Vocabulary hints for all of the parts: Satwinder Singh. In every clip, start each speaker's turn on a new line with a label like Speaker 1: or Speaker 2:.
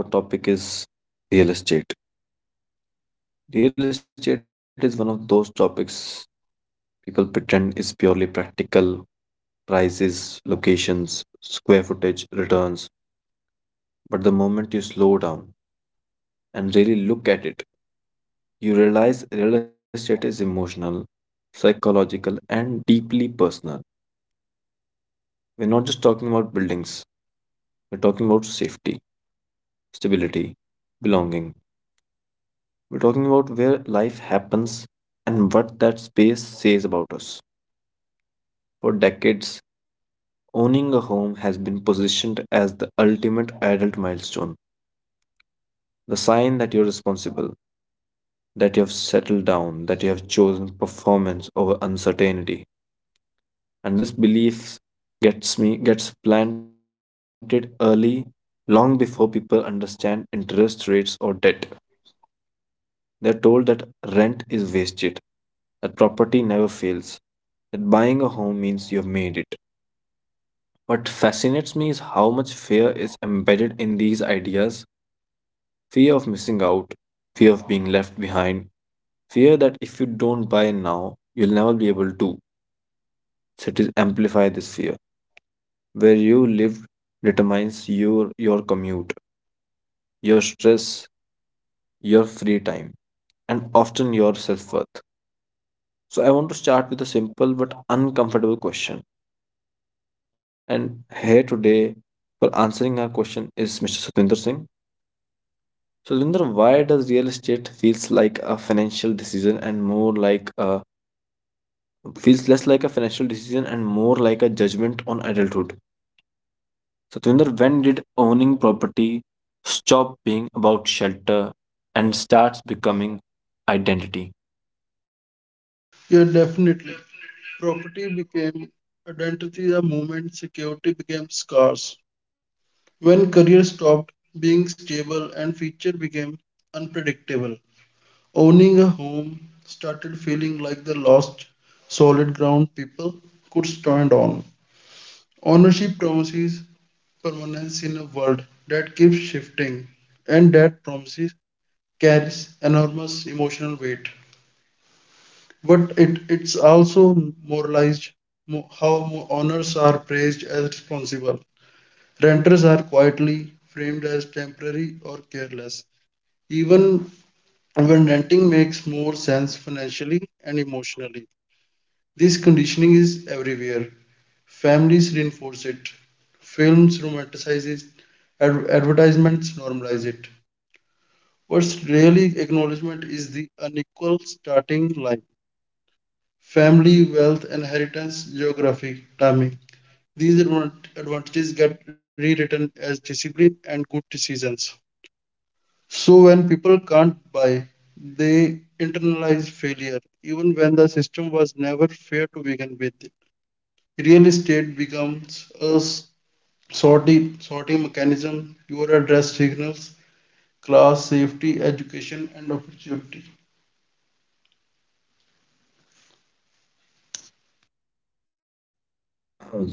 Speaker 1: Today, our topic is real estate. Real estate is one of those topics people pretend is purely practical prices, locations, square footage, returns. But the moment you slow down and really look at it, you realize real estate is emotional, psychological, and deeply personal. We're not just talking about buildings, we're talking about safety, stability, belonging. We're talking about where life happens and what that space says about us. For decades, owning a home has been positioned as the ultimate adult milestone, the sign that you're responsible, that you have settled down, that you have chosen performance over uncertainty. And this belief gets planted early, long before people understand interest rates or debt. They are told that rent is wasted, that property never fails, that buying a home means you have made it. What fascinates me is how much fear is embedded in these ideas. Fear of missing out, fear of being left behind, fear that if you don't buy now, you'll never be able to. Cities amplify this fear. Where you live determines your commute, your stress, your free time, and often your self worth. So I want to start with a simple but uncomfortable question. And here today for answering our question is Mr. Satwinder Singh. Satwinder, why does real estate feels like a financial decision and more like a feels less like a financial decision and more like a judgment on adulthood? Satwinder, when did owning property stop being about shelter and starts becoming identity?
Speaker 2: Yeah, definitely. Property became identity the moment security became scarce. When career stopped being stable and future became unpredictable, owning a home started feeling like the lost solid ground people could stand on. Ownership promises permanence in a world that keeps shifting, and that promises carries enormous emotional weight. But it's also moralized how owners are praised as responsible. Renters are quietly framed as temporary or careless, even when renting makes more sense financially and emotionally. This conditioning is everywhere. Families reinforce it. Films romanticize it. Advertisements normalize it. What's really acknowledgement is the unequal starting line. Family, wealth, and inheritance, geography, timing. These advantages get rewritten as discipline and good decisions. So when people can't buy, they internalize failure, even when the system was never fair to begin with. Real estate becomes a sorting mechanism. You address signals, class, safety, education, and opportunity.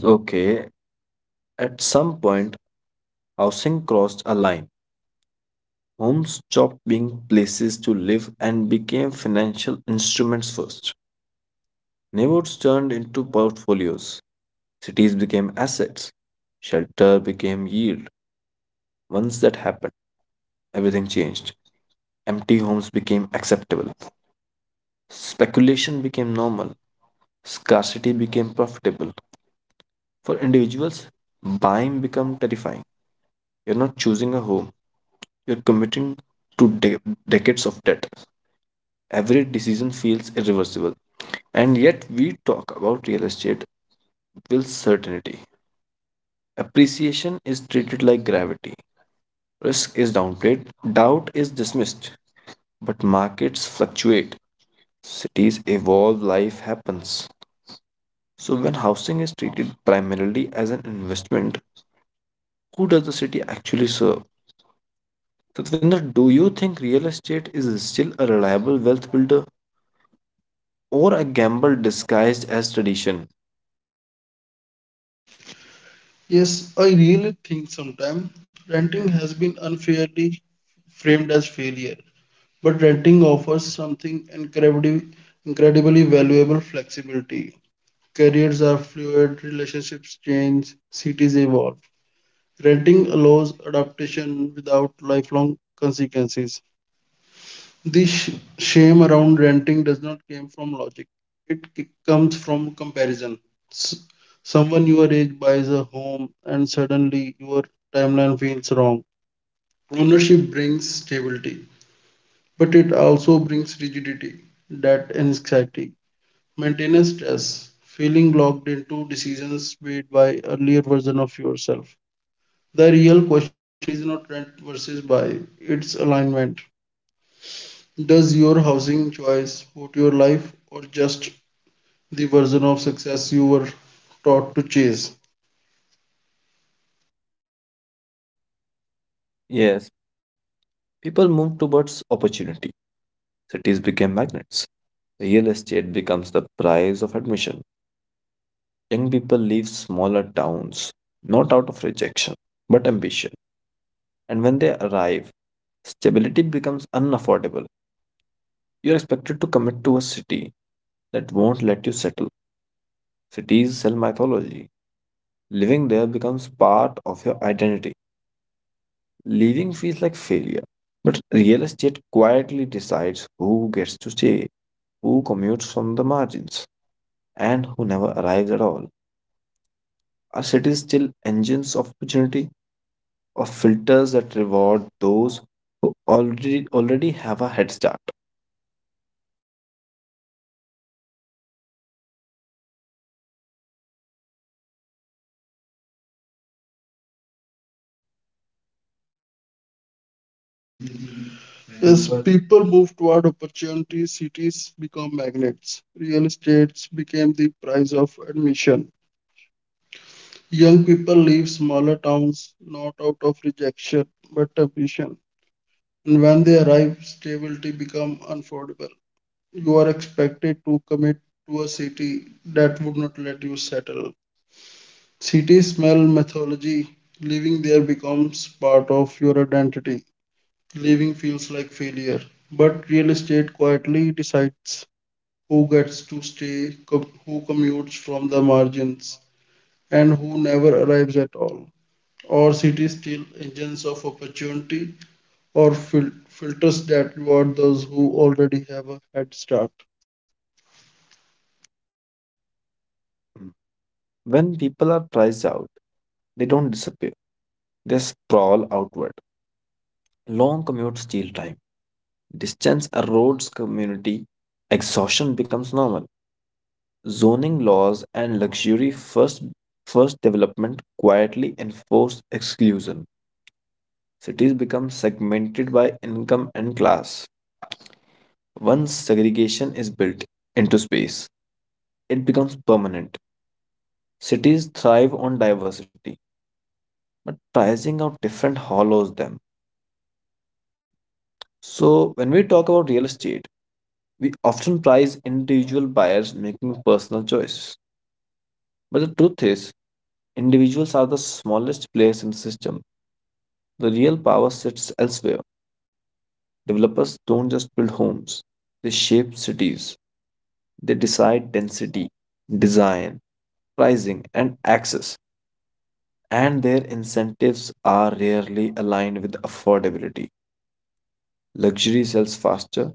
Speaker 1: Okay, at some point housing crossed a line. Homes stopped being places to live and became financial instruments first. Neighborhoods turned into portfolios. Cities became assets. Shelter became yield. Once that happened, everything changed. Empty homes became acceptable. Speculation became normal. Scarcity became profitable. For individuals, buying became terrifying. You're not choosing a home, you're committing to decades of debt. Every decision feels irreversible. And yet, we talk about real estate with certainty. Appreciation is treated like gravity. Risk is downplayed, doubt is dismissed. But markets fluctuate, cities evolve, life happens. So, when housing is treated primarily as an investment, who does the city actually serve? Satvinder, do you think real estate is still a reliable wealth builder or a gamble disguised as tradition?
Speaker 2: Yes, I really think sometimes renting has been unfairly framed as failure, but renting offers something incredibly valuable flexibility. Careers are fluid, relationships change, cities evolve. Renting allows adaptation without lifelong consequences. This sh- shame around renting does not come from logic. It comes from comparison. S- Someone your age buys a home and suddenly your timeline feels wrong. Ownership brings stability, but it also brings rigidity, debt, anxiety. Maintenance stress, feeling locked into decisions made by earlier version of yourself. The real question is not rent versus buy, it's alignment. Does your housing choice support your life or just the version of success you were taught to chase?
Speaker 1: Yes. People move towards opportunity. Cities became magnets. Real estate becomes the price of admission. Young people leave smaller towns, not out of rejection, but ambition. And when they arrive, stability becomes unaffordable. You're expected to commit to a city that won't let you settle. Cities sell mythology. Living there becomes part of your identity. Leaving feels like failure. But real estate quietly decides who gets to stay, who commutes from the margins, and who never arrives at all. Are cities still engines of opportunity or filters that reward those who already have a head start?
Speaker 2: As people move toward opportunity, cities become magnets. Real estates became the price of admission. Young people leave smaller towns not out of rejection but ambition. And when they arrive, stability becomes unaffordable. You are expected to commit to a city that would not let you settle. City smell mythology. Living there becomes part of your identity. Living feels like failure. But real estate quietly decides who gets to stay, who commutes from the margins, and who never arrives at all. Or cities still engines of opportunity or filters that reward those who already have a head start.
Speaker 1: When people are priced out, they don't disappear. They sprawl outward. Long commutes steal time. Distance erodes community. Exhaustion becomes normal. Zoning laws and luxury first development quietly enforce exclusion. Cities become segmented by income and class. Once segregation is built into space, it becomes permanent. Cities thrive on diversity, but pricing out different hollows them. So, when we talk about real estate, we often prize individual buyers making personal choices. But the truth is, individuals are the smallest players in the system. The real power sits elsewhere. Developers don't just build homes, they shape cities. They decide density, design, pricing, and access, and their incentives are rarely aligned with affordability. Luxury sells faster,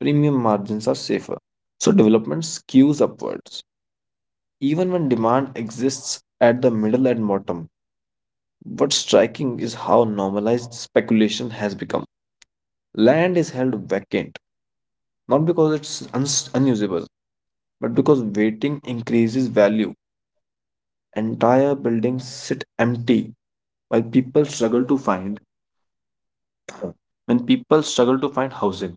Speaker 1: premium margins are safer. So development skews upwards, even when demand exists at the middle and bottom. What's striking is how normalized speculation has become. Land is held vacant, not because it's unusable, but because waiting increases value. Entire buildings sit empty while people struggle to find When people struggle to find housing,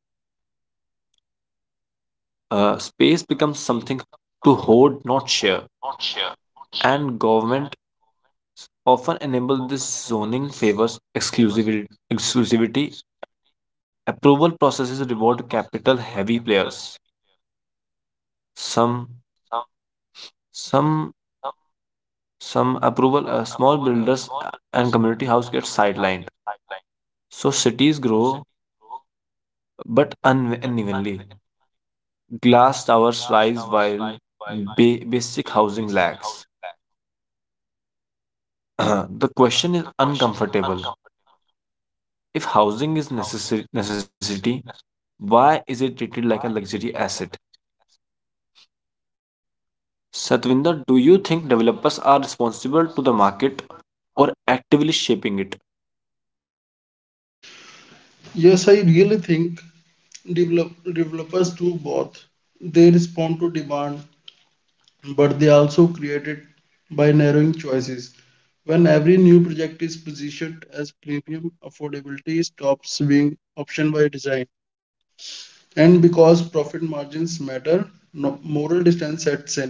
Speaker 1: space becomes something to hoard, not share. And government often enable this zoning favors exclusivity. Approval processes reward capital heavy players. Some some some approval small builders and community house get sidelined, so cities grow but unevenly, glass towers rise while basic housing lags. The question is uncomfortable. If housing is necessary necessity, why is it treated like a luxury asset? Satvinder, do you think developers are responsible to the market or actively shaping it?
Speaker 2: Yes, I really think developers do both. They respond to demand but they also created by narrowing choices. When every new project is positioned as premium, affordability stops being option by design. And because profit margins matter, no, moral distance sets in.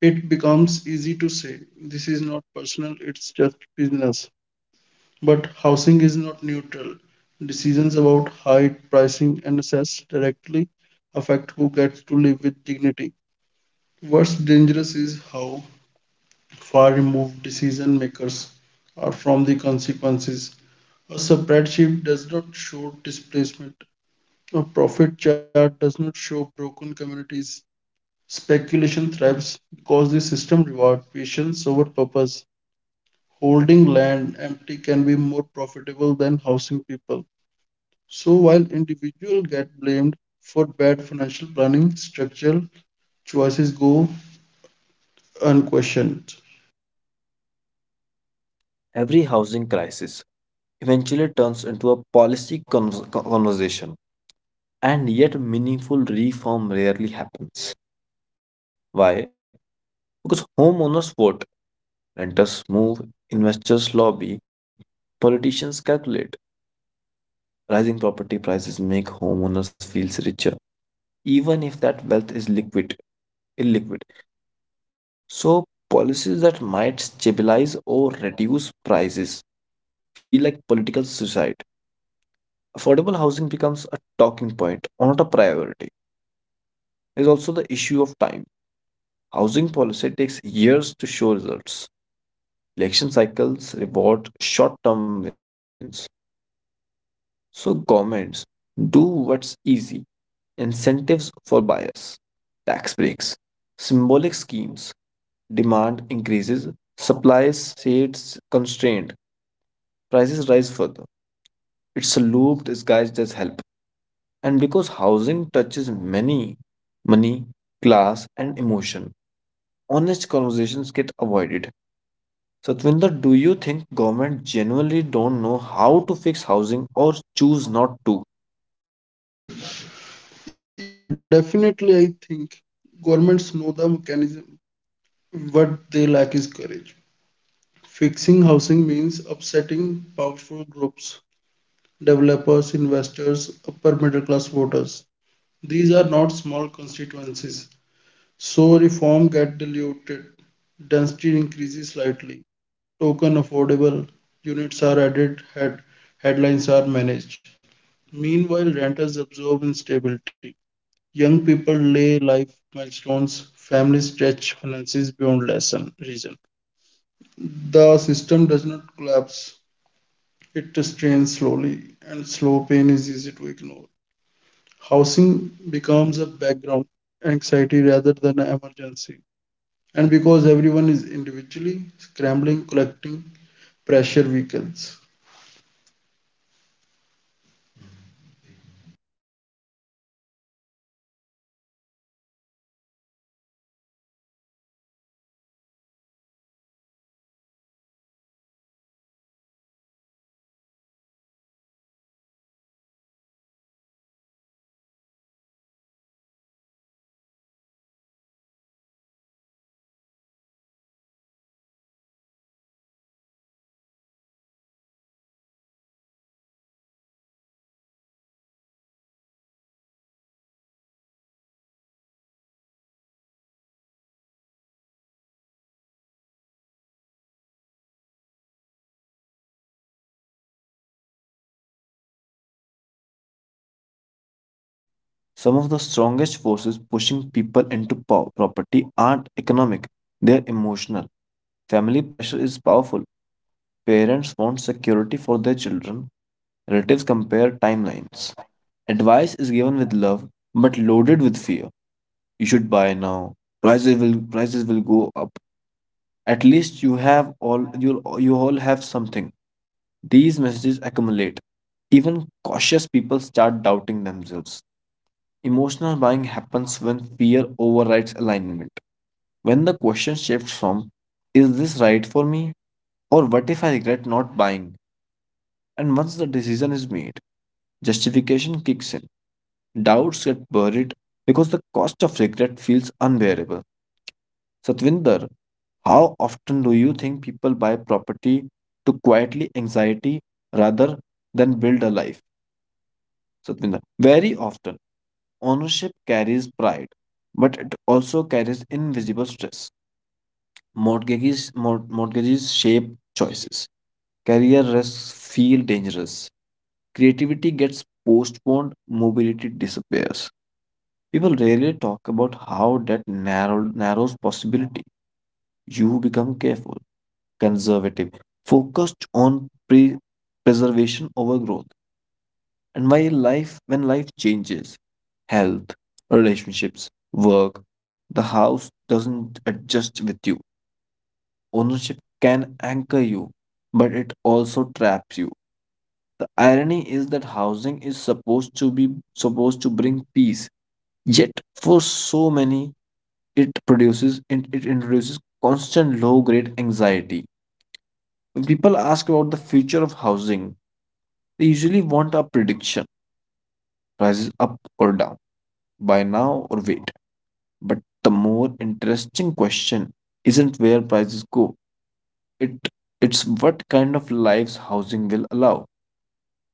Speaker 2: It becomes easy to say, this is not personal, it's just business. But housing is not neutral. Decisions about height, pricing, and access directly affect who gets to live with dignity. What's dangerous is how far removed decision makers are from the consequences. A spreadsheet does not show displacement. A profit chart does not show broken communities. Speculation thrives because the system rewards patience over purpose. Holding land empty can be more profitable than housing people. So while individuals get blamed for bad financial planning, structural choices go unquestioned.
Speaker 1: Every housing crisis eventually turns into a policy conversation, and yet meaningful reform rarely happens. Why? Because homeowners vote, renters move, investors lobby, politicians calculate. Rising property prices make homeowners feel richer, even if that wealth is illiquid. So, policies that might stabilize or reduce prices feel like political suicide. Affordable housing becomes a talking point, not a priority. There's also the issue of time. Housing policy takes years to show results. Election cycles reward short term wins. So, governments do what's easy: incentives for buyers, tax breaks, symbolic schemes, demand increases, supply stays constrained, prices rise further. It's a loop disguised as help. And because housing touches many: money, class, and emotion, honest conversations get avoided. Satwinder, do you think government genuinely don't know how to fix housing or choose not to?
Speaker 2: Yeah, definitely. I think governments know the mechanism. What they lack is courage. Fixing housing means upsetting powerful groups, developers, investors, upper middle class voters. These are not small constituencies. So reform get diluted. Density increases slightly. Token affordable units are added, headlines are managed. Meanwhile, renters absorb instability. Young people lay life milestones, families stretch finances beyond lesson reason. The system does not collapse, it strains slowly, and slow pain is easy to ignore. Housing becomes a background anxiety rather than an emergency. And because everyone is individually scrambling, collecting pressure weakens.
Speaker 1: Some of the strongest forces pushing people into property aren't economic, they're emotional. Family pressure is powerful. Parents want security for their children. Relatives compare timelines. Advice is given with love but loaded with fear. You should buy now. Prices will go up. At least you all have something. These messages accumulate. Even cautious people start doubting themselves. Emotional buying happens when fear overrides alignment. When the question shifts from, is this right for me? Or what if I regret not buying? And once the decision is made, justification kicks in. Doubts get buried because the cost of regret feels unbearable. Satvinder, how often do you think people buy property to quietly anxiety rather than build a life? Satvinder, very often. Ownership carries pride, but it also carries invisible stress. Mortgages shape choices. Career risks feel dangerous. Creativity gets postponed, mobility disappears. People rarely talk about how that narrows possibility. You become careful, conservative, focused on preservation over growth. And why life when life changes, health, relationships, work. The house doesn't adjust with you. Ownership can anchor you, but it also traps you. The irony is that housing is supposed to bring peace, yet for so many it produces and it introduces constant low-grade anxiety. When people ask about the future of housing, they usually want a prediction, prices up or down, buy now or wait. But the more interesting question isn't where prices go. It it's what kind of lives housing will allow.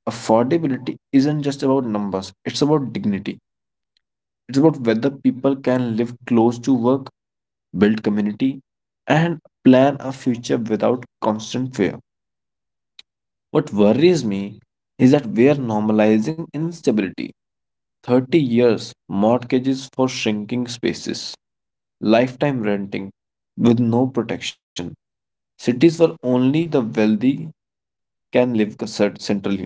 Speaker 1: Affordability isn't just about numbers, it's about dignity. It's about whether people can live close to work, build community, and plan a future without constant fear. What worries me is that we are normalizing instability. 30 years mortgages for shrinking spaces, lifetime renting with no protection. Cities where only the wealthy can live centrally.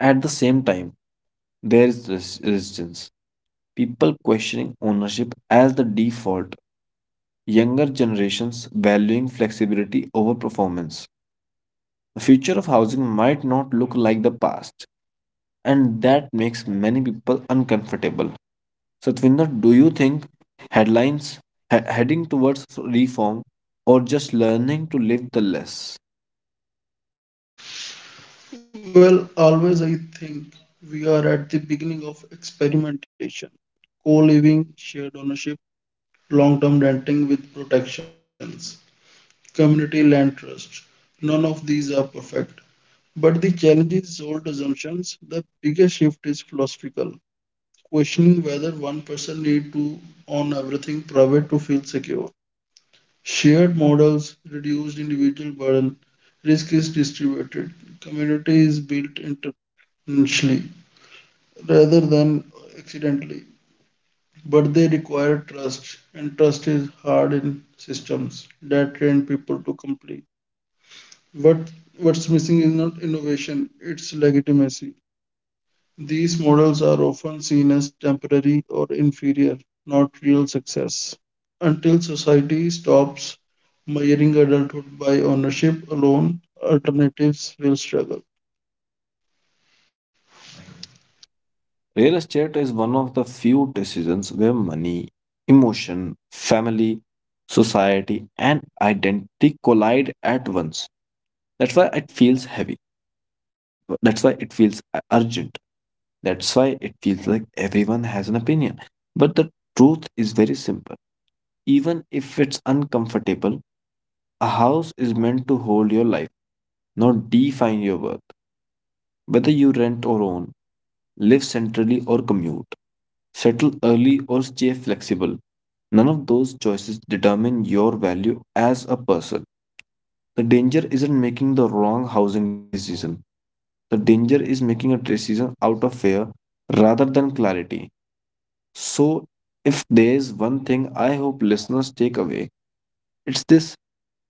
Speaker 1: At the same time, there is resistance. People questioning ownership as the default, younger generations valuing flexibility over performance. The future of housing might not look like the past, and that makes many people uncomfortable. Satvinder, do you think headlines heading towards reform or just learning to live the less?
Speaker 2: Well, always I think we are at the beginning of experimentation, co living, shared ownership, long-term renting with protections, community land trust. None of these are perfect. But the challenge is old assumptions. The biggest shift is philosophical, questioning whether one person need to own everything private to feel secure. Shared models, reduced individual burden, risk is distributed, community is built intentionally rather than accidentally. But they require trust, and trust is hard in systems that train people to complete. What what's missing is not innovation, it's legitimacy. These models are often seen as temporary or inferior, not real success. Until society stops measuring adulthood by ownership alone, alternatives will struggle.
Speaker 1: Real estate is one of the few decisions where money, emotion, family, society, and identity collide at once. That's why it feels heavy. That's why it feels urgent. That's why it feels like everyone has an opinion. But the truth is very simple. Even if it's uncomfortable, a house is meant to hold your life, not define your worth. Whether you rent or own, live centrally or commute, settle early or stay flexible, none of those choices determine your value as a person. The danger isn't making the wrong housing decision. The danger is making a decision out of fear rather than clarity. So, if there's one thing I hope listeners take away, it's this: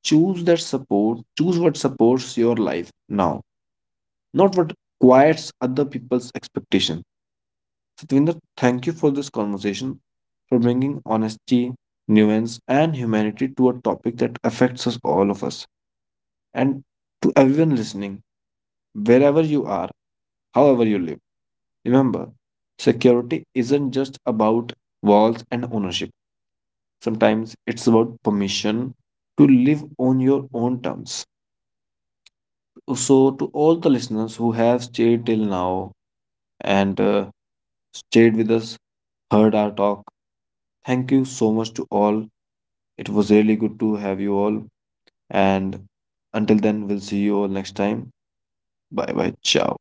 Speaker 1: choose what supports your life now, not what quiets other people's expectation. Satvinder, thank you for this conversation, for bringing honesty, nuance, and humanity to a topic that affects us all of us. And to everyone listening, wherever you are, however you live, remember security isn't just about walls and ownership. Sometimes it's about permission to live on your own terms. So, to all the listeners who have stayed till now and stayed with us, heard our talk, thank you so much to all. It was really good to have you all. And until then, we'll see you all next time. Bye bye. Ciao.